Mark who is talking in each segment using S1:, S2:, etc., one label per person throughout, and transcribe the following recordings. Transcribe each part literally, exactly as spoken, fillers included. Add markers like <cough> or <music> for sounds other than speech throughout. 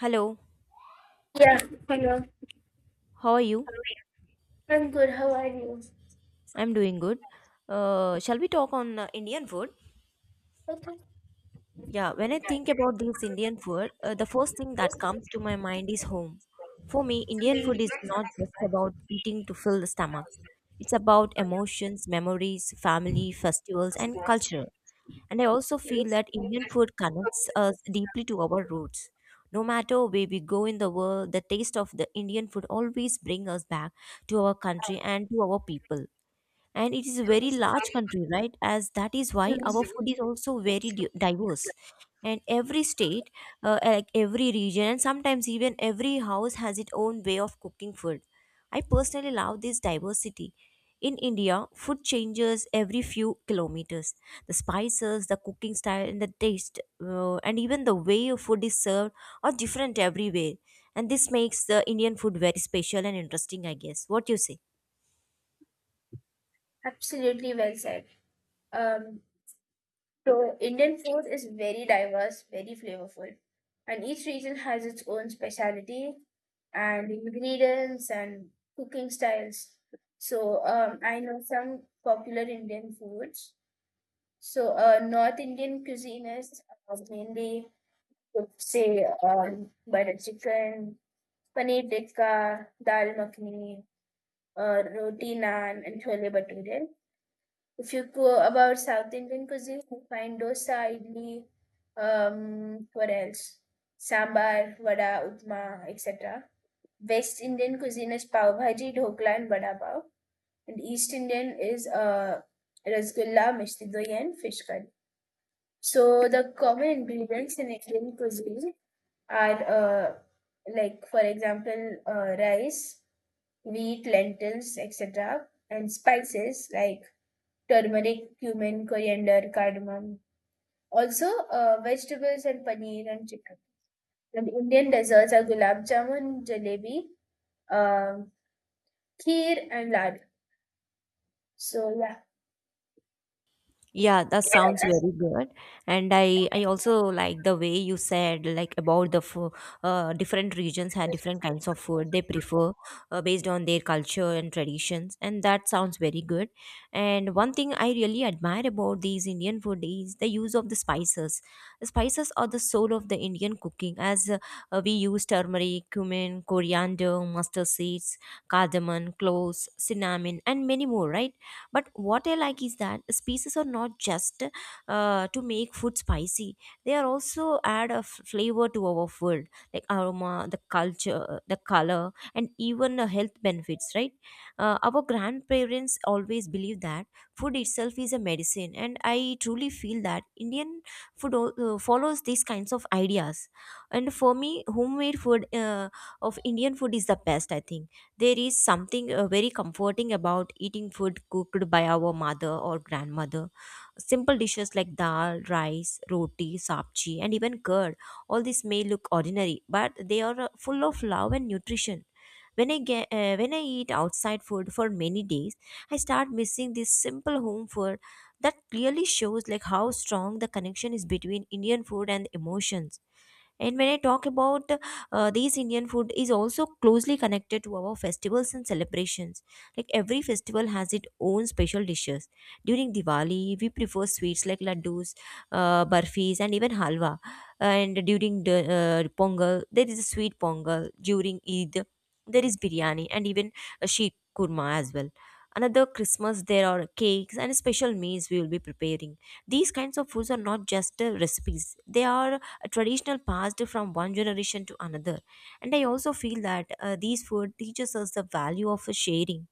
S1: Hello,
S2: Yeah, hello.
S1: how are you?
S2: I'm good. How are you?
S1: I'm doing good. Uh, shall we talk on uh, Indian food?
S2: Okay.
S1: Yeah, when I think about this Indian food, uh, the first thing that comes to my mind is home. For me, Indian food is not just about eating to fill the stomach. It's about emotions, memories, family, festivals, and culture. And I also feel that Indian food connects us deeply to our roots. No matter where we go in the world, the taste of the Indian food always brings us back to our country and to our people. And it is a very large country, right? As that is why our food is also very di- diverse, and every state, uh, uh, like every region and sometimes even every house, has its own way of cooking food. I personally love this diversity. In India, food changes every few kilometers. The spices, the cooking style, and the taste, uh, and even the way of food is served, are different everywhere. And this makes the Indian food very special and interesting, I guess. What you say?
S2: Absolutely well said. Um, so Indian food is very diverse, very flavorful, and each region has its own specialty and ingredients and cooking styles. So um, I know some popular Indian foods. So uh, North Indian cuisine is uh, mainly, would say, um, butter chicken, paneer tikka, dal makhani. Uh, roti naan and chole bhature. If you go about South Indian cuisine, you find dosa, idli, um, what else? Sambar, vada, upma, et cetera. West Indian cuisine is pav bhaji, dhokla, and vada pav. And East Indian is uh, rasgulla, mishti doi, and fish curry. So the common ingredients in Indian cuisine are uh, like, for example, uh, rice wheat, lentils, et cetera, and spices like turmeric, cumin, coriander, cardamom. Also, uh, vegetables and paneer and chicken. And Indian desserts are gulab jamun, jalebi, um kheer, and lad. So, yeah.
S1: Yeah, that sounds very good. And I I also like the way you said like about the food. Uh, different regions have different kinds of food they prefer uh, based on their culture and traditions, and that sounds very good. And one thing I really admire about these Indian food is the use of the spices. The spices are the soul of the Indian cooking, as uh, uh, we use turmeric, cumin, coriander, mustard seeds, cardamom, cloves, cinnamon, and many more, right? But what I like is that spices are not just uh, to make food spicy. They are also add a f- flavor to our food, like aroma, the culture, the color, and even the health benefits, right? Uh, our grandparents always believe that food itself is a medicine, and I truly feel that Indian food al- uh, follows these kinds of ideas. And for me, homemade food uh, of Indian food is the best, I think. There is something uh, very comforting about eating food cooked by our mother or grandmother. Simple dishes like dal, rice, roti, sabji, and even curd. All this may look ordinary, but they are uh, full of love and nutrition. When I get, uh, when I eat outside food for many days, I start missing this simple home food. That clearly shows like how strong the connection is between Indian food and emotions. And when I talk about, uh, these Indian food is also closely connected to our festivals and celebrations. Like every festival has its own special dishes. During Diwali, we prefer sweets like laddus, uh, barfis, and even halwa. And during the uh, Pongal, there is a sweet Pongal. During Eid, there is biryani and even a sheikh kurma as well. Another Christmas, there are cakes and special meals we will be preparing. These kinds of foods are not just uh, recipes; they are a traditional passed from one generation to another. And I also feel that uh, these food teaches us the value of sharing.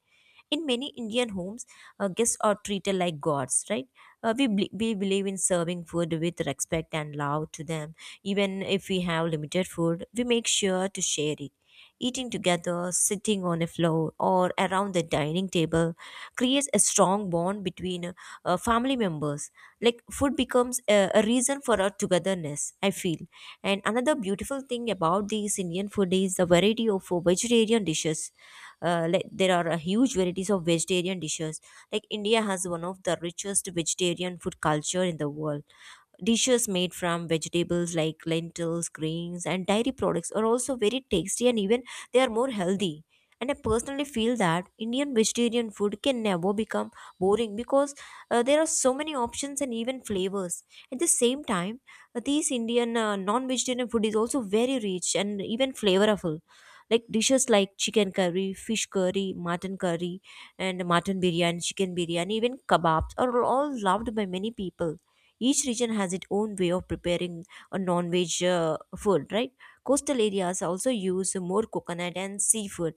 S1: In many Indian homes, uh, guests are treated like gods, right? Uh, we, bel- we believe in serving food with respect and love to them. Even if we have limited food, we make sure to share it. Eating together, sitting on a floor, or around the dining table creates a strong bond between uh, uh, family members. Like food becomes a, a reason for our togetherness, I feel. And another beautiful thing about this Indian food is the variety of uh, vegetarian dishes. Uh, like there are a huge varieties of vegetarian dishes. Like India has one of the richest vegetarian food culture in the world. Dishes made from vegetables like lentils, greens, and dairy products are also very tasty, and even they are more healthy. And I personally feel that Indian vegetarian food can never become boring because uh, there are so many options and even flavors. At the same time, uh, these Indian uh, non-vegetarian food is also very rich and even flavorful. Like dishes like chicken curry, fish curry, mutton curry, and mutton biryani, chicken biryani, even kebabs are all loved by many people. Each region has its own way of preparing a non-veg uh, food, right? Coastal areas also use more coconut and seafood,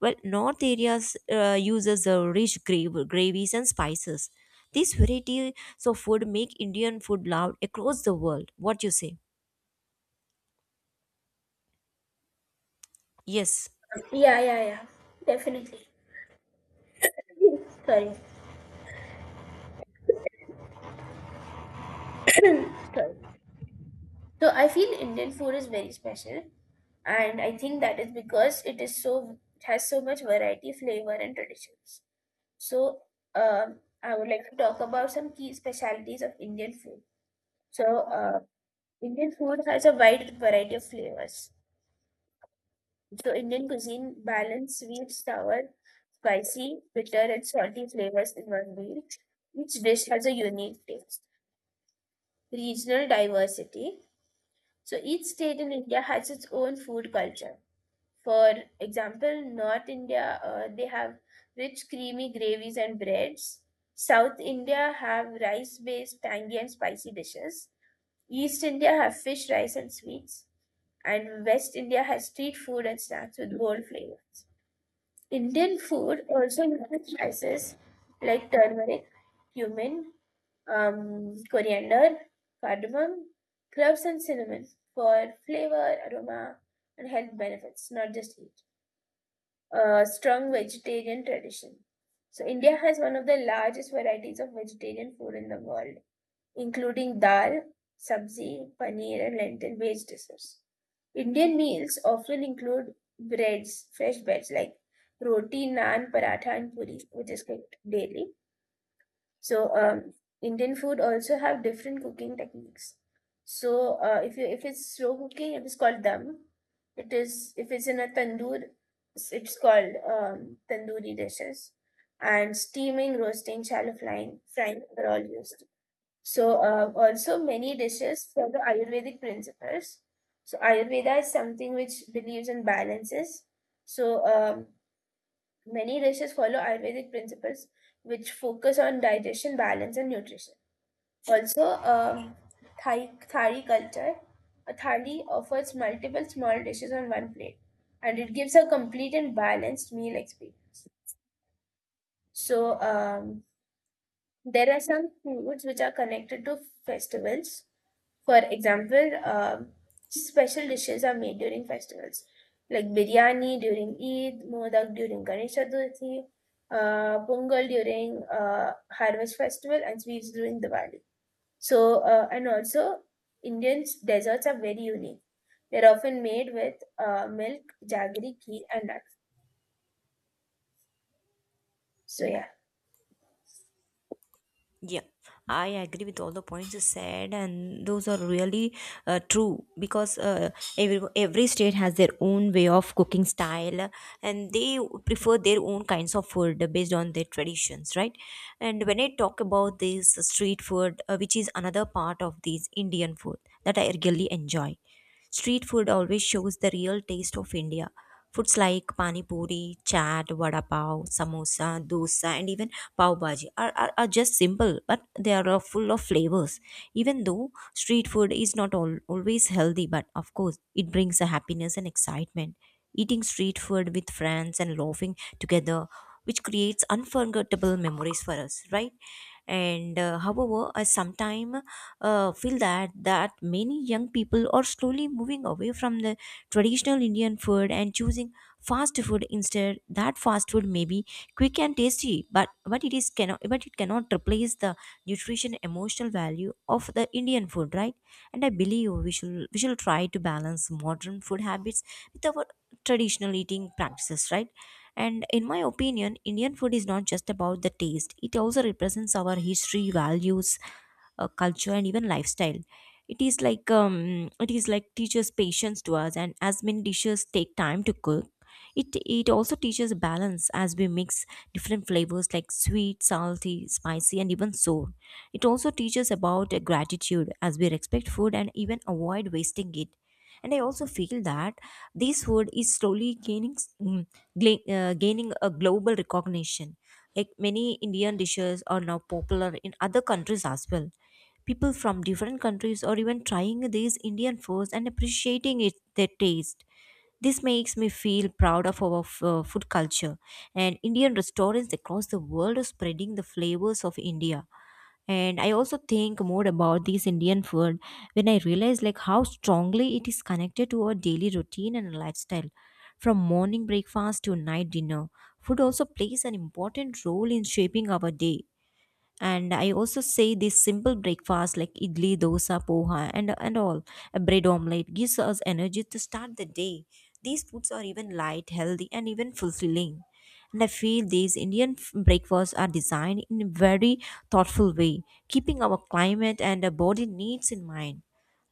S1: while north areas uh, uses uh, rich gra- gravies and spices. These varieties of food make Indian food loved across the world. What you say? Yes.
S2: Yeah, yeah, yeah. Definitely. Sorry. So, I feel Indian food is very special, and I think that is because it is so it has so much variety, flavor, and traditions. So, um, I would like to talk about some key specialties of Indian food. So, uh, Indian food has a wide variety of flavors. So, Indian cuisine balance sweet, sour, spicy, bitter, and salty flavors in one meal. Each dish has a unique taste. Regional diversity. So, each state in India has its own food culture. For example, North India, uh, they have rich creamy gravies and breads. South India have rice-based tangy and spicy dishes. East India have fish, rice, and sweets. And West India has street food and snacks with bold flavors. Indian food also includes spices like turmeric, cumin, um, coriander, cardamom, cloves, and cinnamon for flavor, aroma, and health benefits, not just heat. Uh, strong vegetarian tradition. So, India has one of the largest varieties of vegetarian food in the world, including dal, sabzi, paneer, and lentil based dishes. Indian meals often include breads, fresh breads like roti, naan, paratha, and puri, which is cooked daily, so um, Indian food also have different cooking techniques. So uh, if you if it's slow cooking, it is called dum. It is if it's in a tandoor, it's it's called um, tandoori dishes. And steaming, roasting, shallow frying, frying are all used. So uh, also many dishes for the Ayurvedic principles. So Ayurveda is something which believes in balances. So um, Many races follow Ayurvedic principles which focus on digestion, balance, and nutrition. Also, um, Thai, Thali culture. A thali offers multiple small dishes on one plate and it gives a complete and balanced meal experience. So, um, there are some foods which are connected to festivals, for example, um, special dishes are made during festivals like biryani during Eid, modak during Ganesh Chaturthi, uh, pongal during uh, harvest festival, and sweets during Diwali. So, uh, and also Indians' desserts are very unique. They're often made with uh, milk, jaggery, ghee, and nuts. So, yeah.
S1: Yeah, I agree with all the points you said, and those are really uh, true, because uh, every every state has their own way of cooking style, and they prefer their own kinds of food based on their traditions, right? And when I talk about this street food, uh, which is another part of this Indian food that I really enjoy, street food always shows the real taste of India. Foods like pani puri, chaat, vada pav, samosa, dosa, and even pav bhaji are, are, are just simple, but they are uh, full of flavors. Even though street food is not al- always healthy, but of course it brings a happiness and excitement. Eating street food with friends and laughing together, which creates unforgettable memories for us, right? And uh, however, I sometimes uh, feel that that many young people are slowly moving away from the traditional Indian food and choosing fast food instead. That fast food maybe quick and tasty, but but it is cannot but it cannot replace the nutrition, emotional value of the Indian food, right? And I believe we should we should try to balance modern food habits with our traditional eating practices, right? And in my opinion, Indian food is not just about the taste. It also represents our history, values, uh, culture, and even lifestyle. It is like um it is like teaches patience to us, and as many dishes take time to cook. It it also teaches balance, as we mix different flavors like sweet, salty, spicy, and even sour. It also teaches about uh, gratitude, as we respect food and even avoid wasting it. And I also feel that this food is slowly gaining mm, gla- uh, gaining a global recognition. Like many Indian dishes are now popular in other countries as well. People from different countries are even trying these Indian foods and appreciating it, their taste. This makes me feel proud of our f- uh, food culture. And Indian restaurants across the world are spreading the flavors of India. And I also think more about this Indian food when I realize like how strongly it is connected to our daily routine and lifestyle. From morning breakfast to night dinner, food also plays an important role in shaping our day. And I also say this simple breakfast like idli, dosa, poha, and and all, a bread omelette, gives us energy to start the day. These foods are even light, healthy, and even fulfilling. And I feel these Indian f- breakfasts are designed in a very thoughtful way, keeping our climate and our body needs in mind.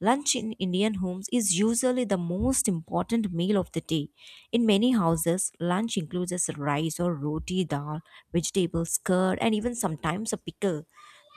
S1: Lunch in Indian homes is usually the most important meal of the day. In many houses, lunch includes as rice or roti, dal, vegetables, curd, and even sometimes a pickle.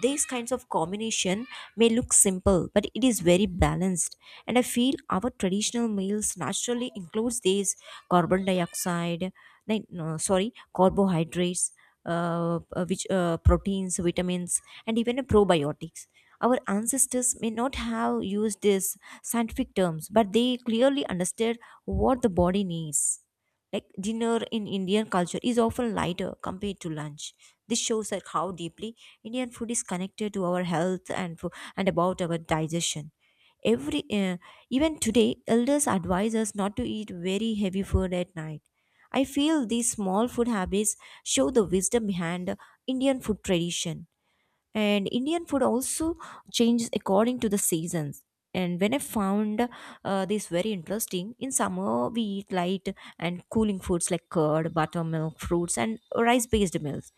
S1: These kinds of combination may look simple, but it is very balanced. And I feel our traditional meals naturally includes these carbon dioxide, ni- no, sorry, carbohydrates, uh, uh, which uh, proteins, vitamins, and even a probiotics. Our ancestors may not have used these scientific terms, but they clearly understood what the body needs. Like dinner in Indian culture is often lighter compared to lunch. This shows like how deeply Indian food is connected to our health and fo- and about our digestion. Every uh, even today, elders advise us not to eat very heavy food at night. I feel these small food habits show the wisdom behind Indian food tradition. And Indian food also changes according to the seasons. And when I found uh, this very interesting, in summer we eat light and cooling foods like curd, buttermilk, fruits, and rice based meals.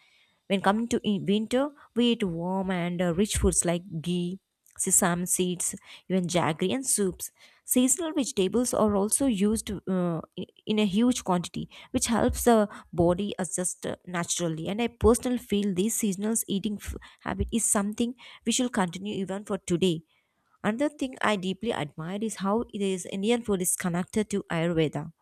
S1: When coming to in winter, we eat warm and uh, rich foods like ghee, sesame seeds, even jaggery and soups. Seasonal vegetables are also used uh, in in a huge quantity, which helps the body adjust uh, naturally. And I personally feel this seasonal eating f- habit is something we should continue even for today. Another thing I deeply admire is how this Indian food is connected to Ayurveda.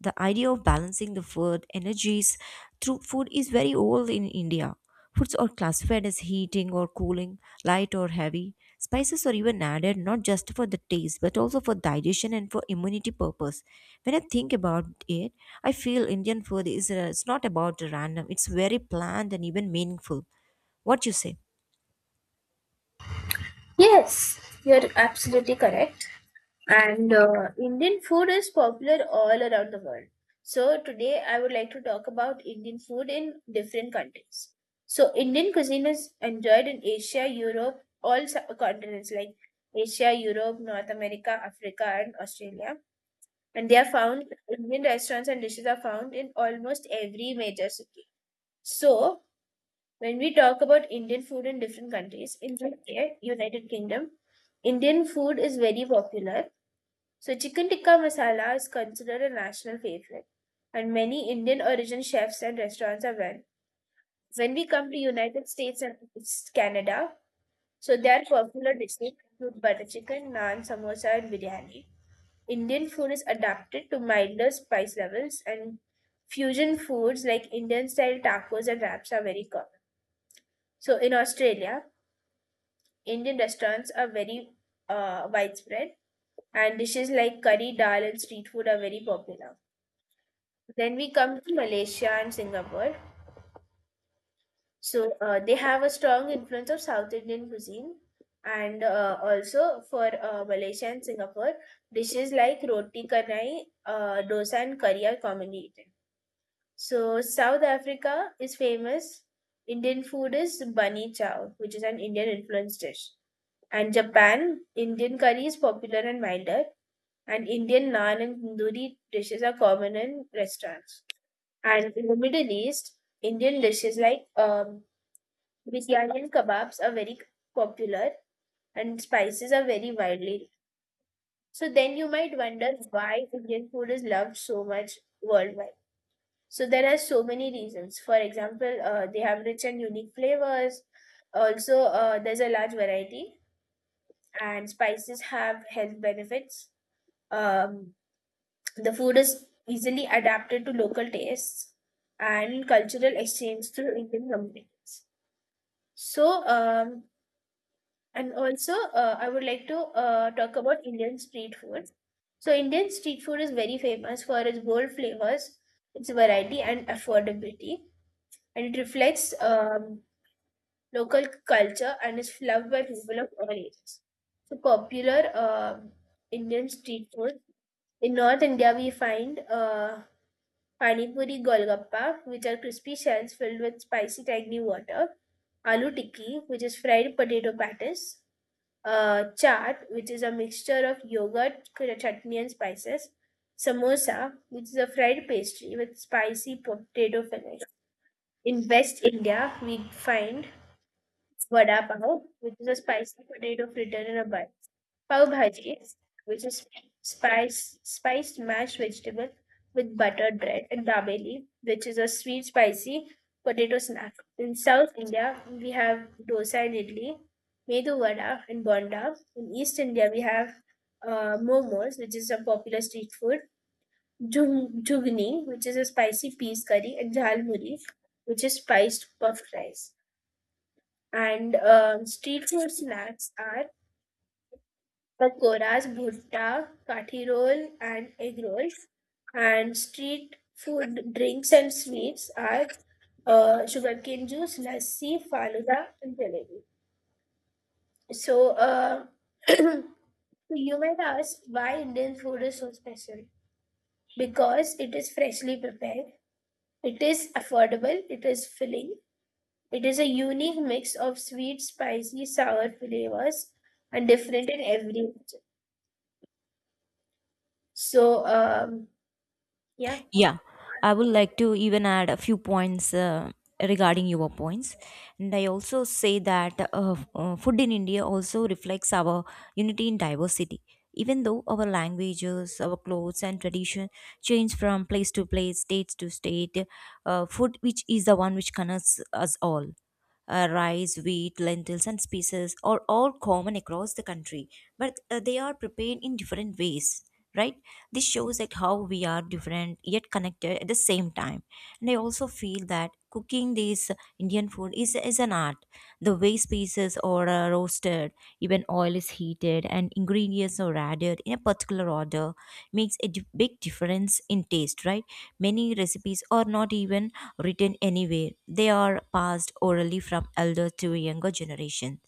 S1: The idea of balancing the food energies through food is very old in India. Foods are classified as heating or cooling, light or heavy. Spices are even added not just for the taste but also for digestion and for immunity purpose. When I think about it, I feel Indian food is, uh, it's not about random. It's very planned and even meaningful. What you say?
S2: Yes, you're absolutely correct. And uh, Indian food is popular all around the world. So today I would like to talk about Indian food in different countries. So Indian cuisine is enjoyed in Asia, Europe, all sub- continents like Asia, Europe, North America, Africa, and Australia. And they are found, Indian restaurants and dishes are found in almost every major city. So when we talk about Indian food in different countries, in the U K, United Kingdom, Indian food is very popular, so chicken tikka masala is considered a national favorite, and many Indian origin chefs and restaurants are well. When we come to United States and Canada, so their popular dishes include butter chicken, naan, samosa, and biryani. Indian food is adapted to milder spice levels, and fusion foods like Indian style tacos and wraps are very common. So in Australia, Indian restaurants are very uh, widespread, and dishes like curry, dal, and street food are very popular. Then we come to Malaysia and Singapore. So uh, they have a strong influence of South Indian cuisine. And uh, also for uh, Malaysia and Singapore, dishes like roti canai, uh, dosa, and curry are commonly eaten. So South Africa is famous. Indian food is bunny chow, which is an Indian influenced dish. And Japan, Indian curry is popular and milder. And Indian naan and tandoori dishes are common in restaurants. And in the Middle East, Indian dishes like um, biryani and kebabs are very popular, and spices are very widely. So then you might wonder why Indian food is loved so much worldwide. So there are so many reasons. For example, uh, they have rich and unique flavors. Also, uh, there's a large variety, and spices have health benefits. Um, the food is easily adapted to local tastes and cultural exchange through Indian companies. So, um, and also, uh, I would like to uh, talk about Indian street food. So, Indian street food is very famous for its bold flavors, its variety, and affordability, and it reflects um, local culture and is loved by people of all ages. So, popular um Indian street food in North India, we find uh, pani puri golgappa, which are crispy shells filled with spicy tangy water, aloo tikki, which is fried potato patties, uh, chaat, which is a mixture of yogurt, cr- chutney, and spices. Samosa, which is a fried pastry with spicy potato filling. In West India, we find vada pav, which is a spicy potato fritter in a bun. Pav bhaji, which is spice spiced mashed vegetable with buttered bread, and dabeli, which is a sweet spicy potato snack. In South India, we have dosa and idli, medu vada and bonda. In East India, we have uh, momos, which is a popular street food, jhug- jhugni, which is a spicy peas curry, and jhal muri, which is spiced puff rice. And um, street food snacks are pakoras, bhutta, kathi roll and egg rolls. And street food, drinks and sweets are uh, sugarcane juice, lassi, faluda and jalebi. So, uh, <clears throat> so you might ask why Indian food is so special. Because it is freshly prepared, it is affordable, it is filling, it is a unique mix of sweet, spicy, sour flavors and different in every region. So, um, yeah.
S1: Yeah, I would like to even add a few points uh, regarding your points. And I also say that uh, uh, food in India also reflects our unity in diversity. Even though our languages, our clothes, and tradition change from place to place, state to state, uh, food which is the one which connects us all, uh, rice, wheat, lentils, and spices are all common across the country, but uh, they are prepared in different ways, right? This shows that how we are different yet connected at the same time. And I also feel that cooking this Indian food is, is an art. The way spices are uh, roasted, even oil is heated, and ingredients are added in a particular order makes a di- big difference in taste, right? Many recipes are not even written anywhere, they are passed orally from elder to younger generation.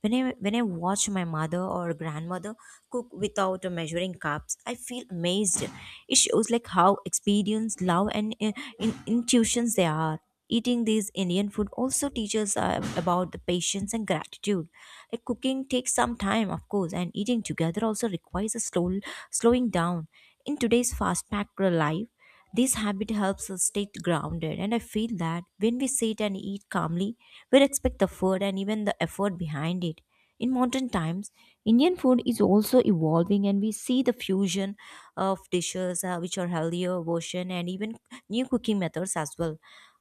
S1: When I, when I watch my mother or grandmother cook without measuring cups, I feel amazed. It shows like how experienced, love, and uh, in, intuitions they are. Eating these Indian food also teaches uh, about the patience and gratitude. Like cooking takes some time, of course, and eating together also requires a slow slowing down. In today's fast-packed life, this habit helps us stay grounded, and I feel that when we sit and eat calmly, we respect the food and even the effort behind it. In modern times, Indian food is also evolving, and we see the fusion of dishes uh, which are healthier version and even new cooking methods as well.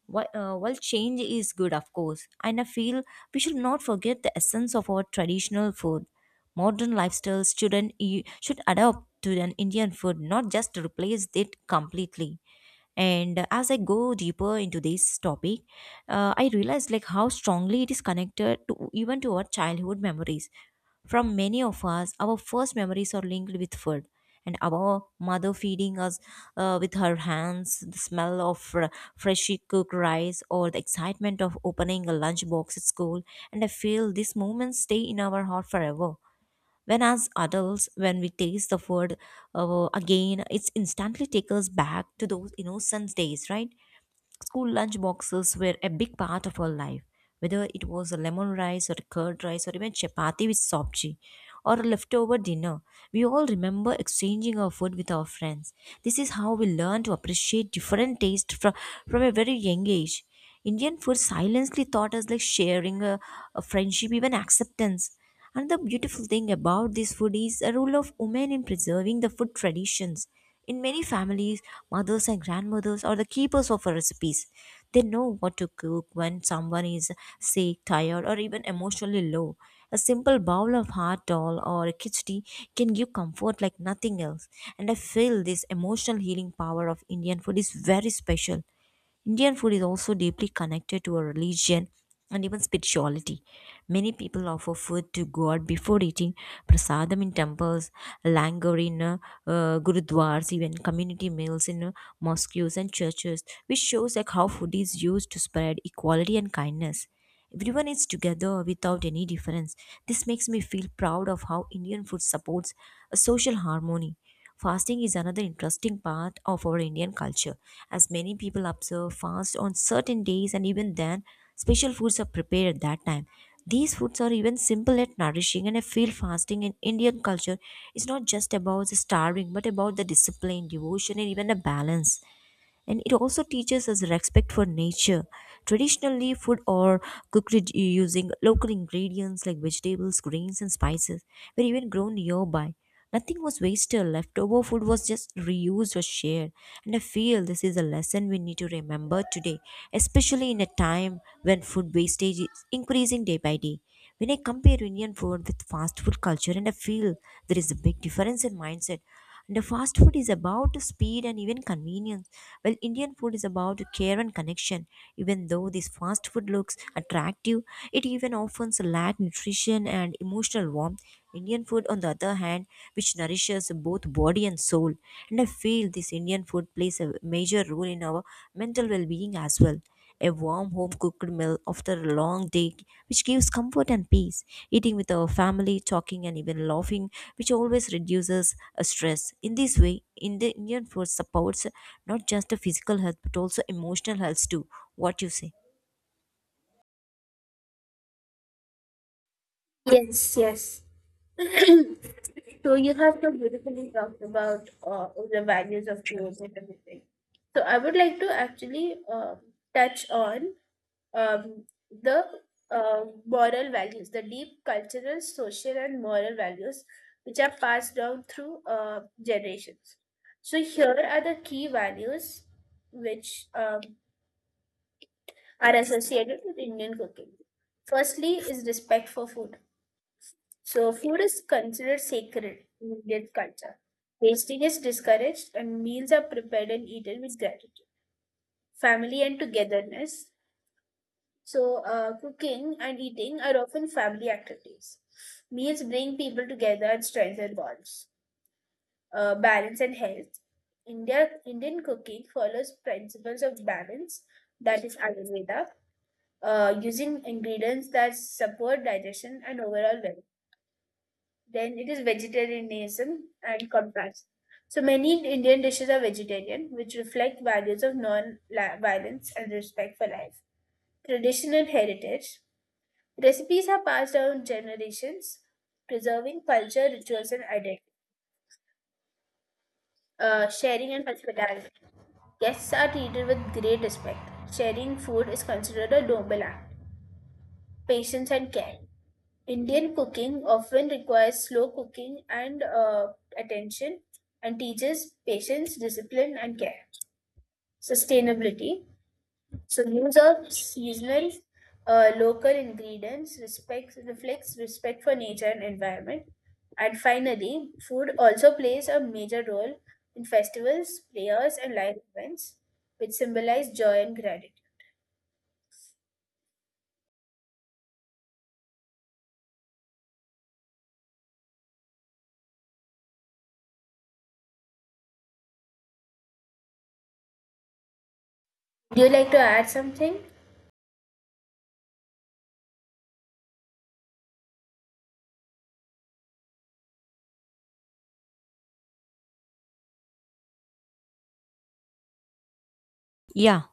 S1: Whi- uh, while change is good, of course, and I feel we should not forget the essence of our traditional food. Modern lifestyles shouldn't, e- should adapt to an Indian food, not just replace it completely. And as I go deeper into this topic, uh, I realized like how strongly it is connected to even to our childhood memories. From many of us, our first memories are linked with food, and our mother feeding us uh, with her hands, the smell of fr- freshly cooked rice, or the excitement of opening a lunchbox at school. And I feel these moments stay in our heart forever. When, as adults, when we taste the food uh, again, it's instantly take us back to those innocent days, right? School lunch boxes were a big part of our life, whether it was a lemon rice or curd rice or even chapati with sabji or a leftover dinner. We all remember exchanging our food with our friends. This is how we learn to appreciate different tastes from, from a very young age. Indian food silently taught us like sharing a, a friendship, even acceptance. Another beautiful thing about this food is a role of women in preserving the food traditions. In many families, mothers and grandmothers are the keepers of our recipes. They know what to cook when someone is sick, tired, or even emotionally low. A simple bowl of hot dal or a khichdi can give comfort like nothing else. And I feel this emotional healing power of Indian food is very special. Indian food is also deeply connected to our religion and even spirituality. Many people offer food to God before eating prasadam in temples, langar in uh, uh, gurudwars, even community meals in uh, mosques and churches, which shows like how food is used to spread equality and kindness. Everyone is together without any difference. This makes me feel proud of how Indian food supports a social harmony. Fasting is another interesting part of our Indian culture, as many people observe fast on certain days, and even then, special foods are prepared at that time. These foods are even simple yet nourishing, and I feel fasting in Indian culture is not just about the starving, but about the discipline, devotion, and even the balance, and it also teaches us respect for nature. Traditionally, food are cooked with- using local ingredients like vegetables, grains, and spices were even grown nearby. Nothing was wasted, leftover food was just reused or shared. And I feel this is a lesson we need to remember today, especially in a time when food wastage is increasing day by day. When I compare Indian food with fast food culture, and I feel there is a big difference in mindset. And the fast food is about speed and even convenience, while Indian food is about care and connection. Even though this fast food looks attractive, it even often lacks nutrition and emotional warmth. Indian food, on the other hand, which nourishes both body and soul. And I feel this Indian food plays a major role in our mental well being as well. A warm home cooked meal after a long day which gives comfort and peace, eating with our family talking and even laughing which always reduces uh, stress. In this way, Indi- indian food supports not just the physical health but also emotional health too. What you say?
S2: Yes, yes. <clears throat> So you have so beautifully talked about uh, the values of growth and everything. So I would like to actually uh, touch on um, the uh, moral values, the deep cultural, social, and moral values which are passed down through uh, generations. So here are the key values which um, are associated with Indian cooking. Firstly, is respect for food. So food is considered sacred in Indian culture. Wasting is discouraged and meals are prepared and eaten with gratitude. Family and togetherness. So uh, cooking and eating are often family activities. Meals bring people together and strengthen bonds. Uh, balance and health. India Indian cooking follows principles of balance, that is Ayurveda, uh, using ingredients that support digestion and overall well. Then it is vegetarianism and contrast. So many Indian dishes are vegetarian, which reflect values of non-violence and respect for life. Tradition and heritage. Recipes are passed down generations, preserving culture, rituals, and identity. Uh, sharing and hospitality. Guests are treated with great respect. Sharing food is considered a noble act. Patience and care. Indian cooking often requires slow cooking and uh, attention and teaches patience, discipline, and care. Sustainability. So, use of seasonal, uh, local ingredients respects, reflects respect for nature and environment. And finally, food also plays a major role in festivals, prayers, and life events, which symbolize joy and gratitude. Do you like to add something?
S1: Yeah,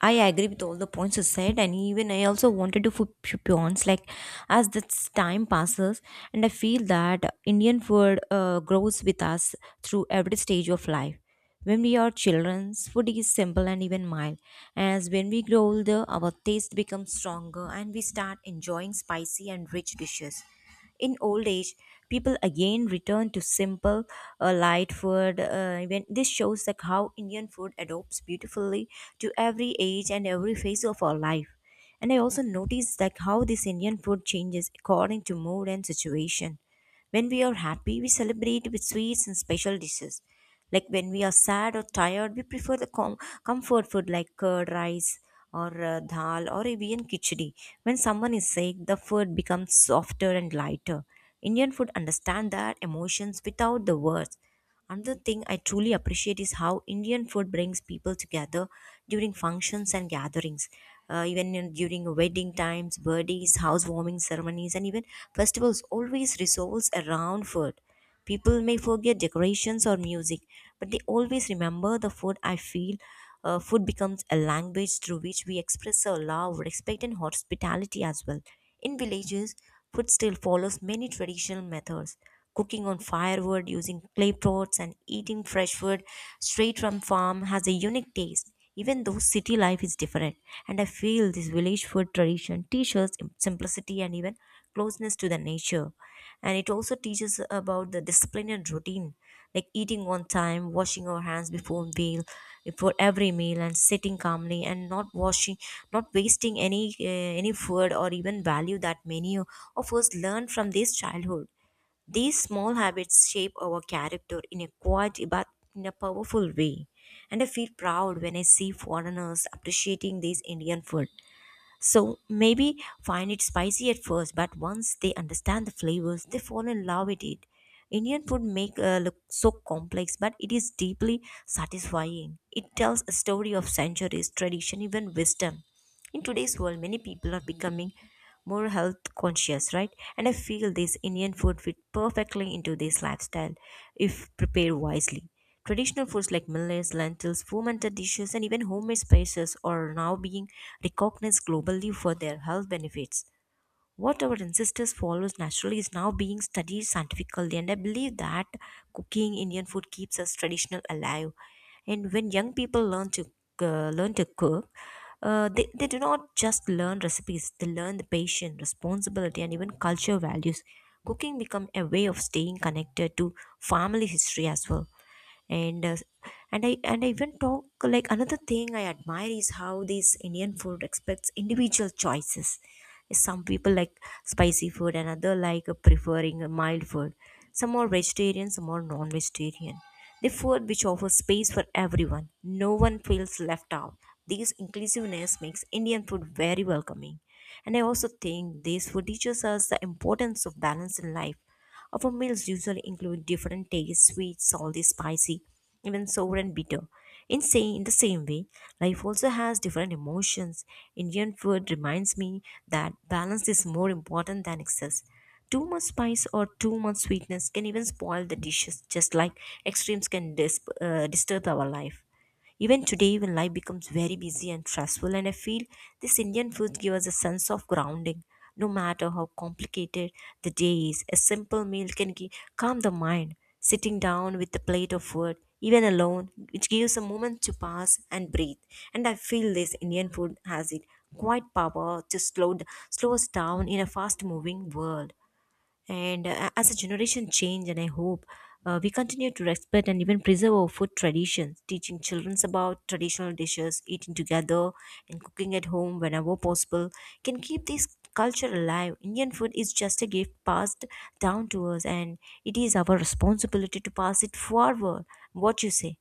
S1: I agree with all the points you said, and even I also wanted to food pawns. Like as this time passes, and I feel that Indian food uh, grows with us through every stage of life. When we are children, food is simple and even mild. As when we grow older, our taste becomes stronger, and we start enjoying spicy and rich dishes. In old age, people again return to simple, uh, light food. Uh, when this shows like how Indian food adopts beautifully to every age and every phase of our life. And I also noticed like how this Indian food changes according to mood and situation. When we are happy, we celebrate with sweets and special dishes. Like when we are sad or tired, we prefer the com- comfort food like curd rice or uh, dal or even khichdi. When someone is sick, the food becomes softer and lighter. Indian food understand that emotions without the words. Another thing I truly appreciate is how Indian food brings people together during functions and gatherings, uh, even in, during wedding times, birthdays, housewarming ceremonies, and even festivals. Always resolves around food. People may forget decorations or music, but they always remember the food. I feel uh, food becomes a language through which we express our love, respect, and hospitality as well. In villages, food still follows many traditional methods. Cooking on firewood using clay pots and eating fresh food straight from farm has a unique taste. Even though city life is different, and I feel this village food tradition teaches simplicity and even closeness to the nature. And it also teaches about the discipline and routine, like eating on time, washing our hands before meal, before every meal, and sitting calmly and not washing, not wasting any uh, any food or even value that many of us learn from this childhood. These small habits shape our character in a quiet but in a powerful way, and I feel proud when I see foreigners appreciating this Indian food. So maybe find it spicy at first, but once they understand the flavors, they fall in love with it. Indian food make uh, look so complex, but it is deeply satisfying. It tells a story of centuries, tradition, even wisdom. In today's world, many people are becoming more health conscious, right? And I feel this Indian food fit perfectly into this lifestyle if prepared wisely. Traditional foods like millets, lentils, fermented dishes, and even homemade spices are now being recognized globally for their health benefits. What our ancestors followed naturally is now being studied scientifically, and I believe that cooking Indian food keeps us traditional alive. And when young people learn to uh, learn to cook, uh, they, they do not just learn recipes, they learn the patience, responsibility, and even culture values. Cooking become a way of staying connected to family history as well. And uh, and i and i even talk like another thing I admire is how this Indian food respects individual choices. Some people like spicy food and other like uh, preferring a mild food. Some are vegetarian, some are non-vegetarian. The food which offers space for everyone, no one feels left out. This inclusiveness makes Indian food very welcoming. And I also think this food teaches us the importance of balance in life. Our meals usually include different tastes: sweet, salty, spicy, even sour and bitter. In, saying in the same way, life also has different emotions. Indian food reminds me that balance is more important than excess. Too much spice or too much sweetness can even spoil the dishes, just like extremes can dis- uh, disturb our life. Even today, when life becomes very busy and stressful, and I feel this Indian food gives us a sense of grounding. No matter how complicated the day is, a simple meal can gi- calm the mind. Sitting down with a plate of food, even alone, which gives a moment to pass and breathe. And I feel this Indian food has it quite power to slow, d- slow us down in a fast moving world. And uh, as a generation change, and I hope uh, we continue to respect and even preserve our food traditions. Teaching children about traditional dishes, eating together, and cooking at home whenever possible can keep this culture alive. Indian food is just a gift passed down to us, and it is our responsibility to pass it forward. What you say?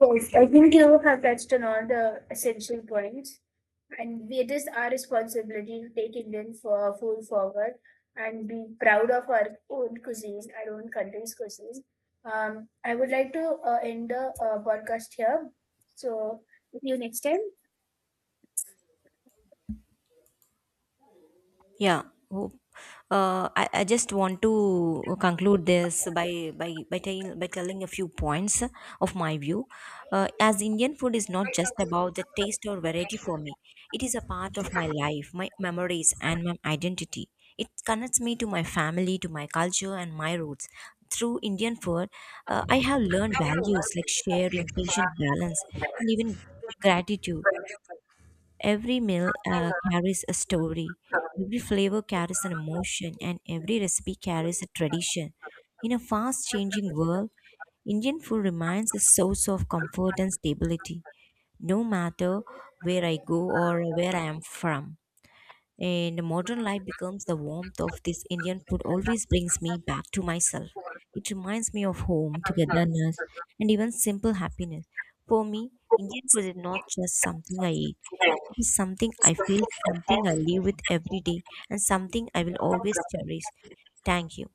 S2: Yes, I think you have touched on all the essential points. And it is our responsibility to take Indian for food forward and be proud of our own cuisine, our own country's cuisine. Um, I would like to uh, end the uh, podcast here. So, see you next time.
S1: Yeah. Hope. Uh, I, I just want to conclude this by by by, tell, by telling a few points of my view. Uh, as Indian food is not just about the taste or variety for me, it is a part of my life, my memories, and my identity. It connects me to my family, to my culture, and my roots. Through Indian food, uh, I have learned values like sharing, patient balance, and even gratitude. Every meal uh, carries a story, every flavor carries an emotion, and every recipe carries a tradition. In a fast changing world, Indian food remains a source of comfort and stability, no matter where I go or where I am from. And modern life becomes the warmth of this Indian food, always brings me back to myself. It reminds me of home, togetherness, and even simple happiness. For me, Indian food is not just something I eat, it is something I feel, something I live with every day, and something I will always cherish. Thank you.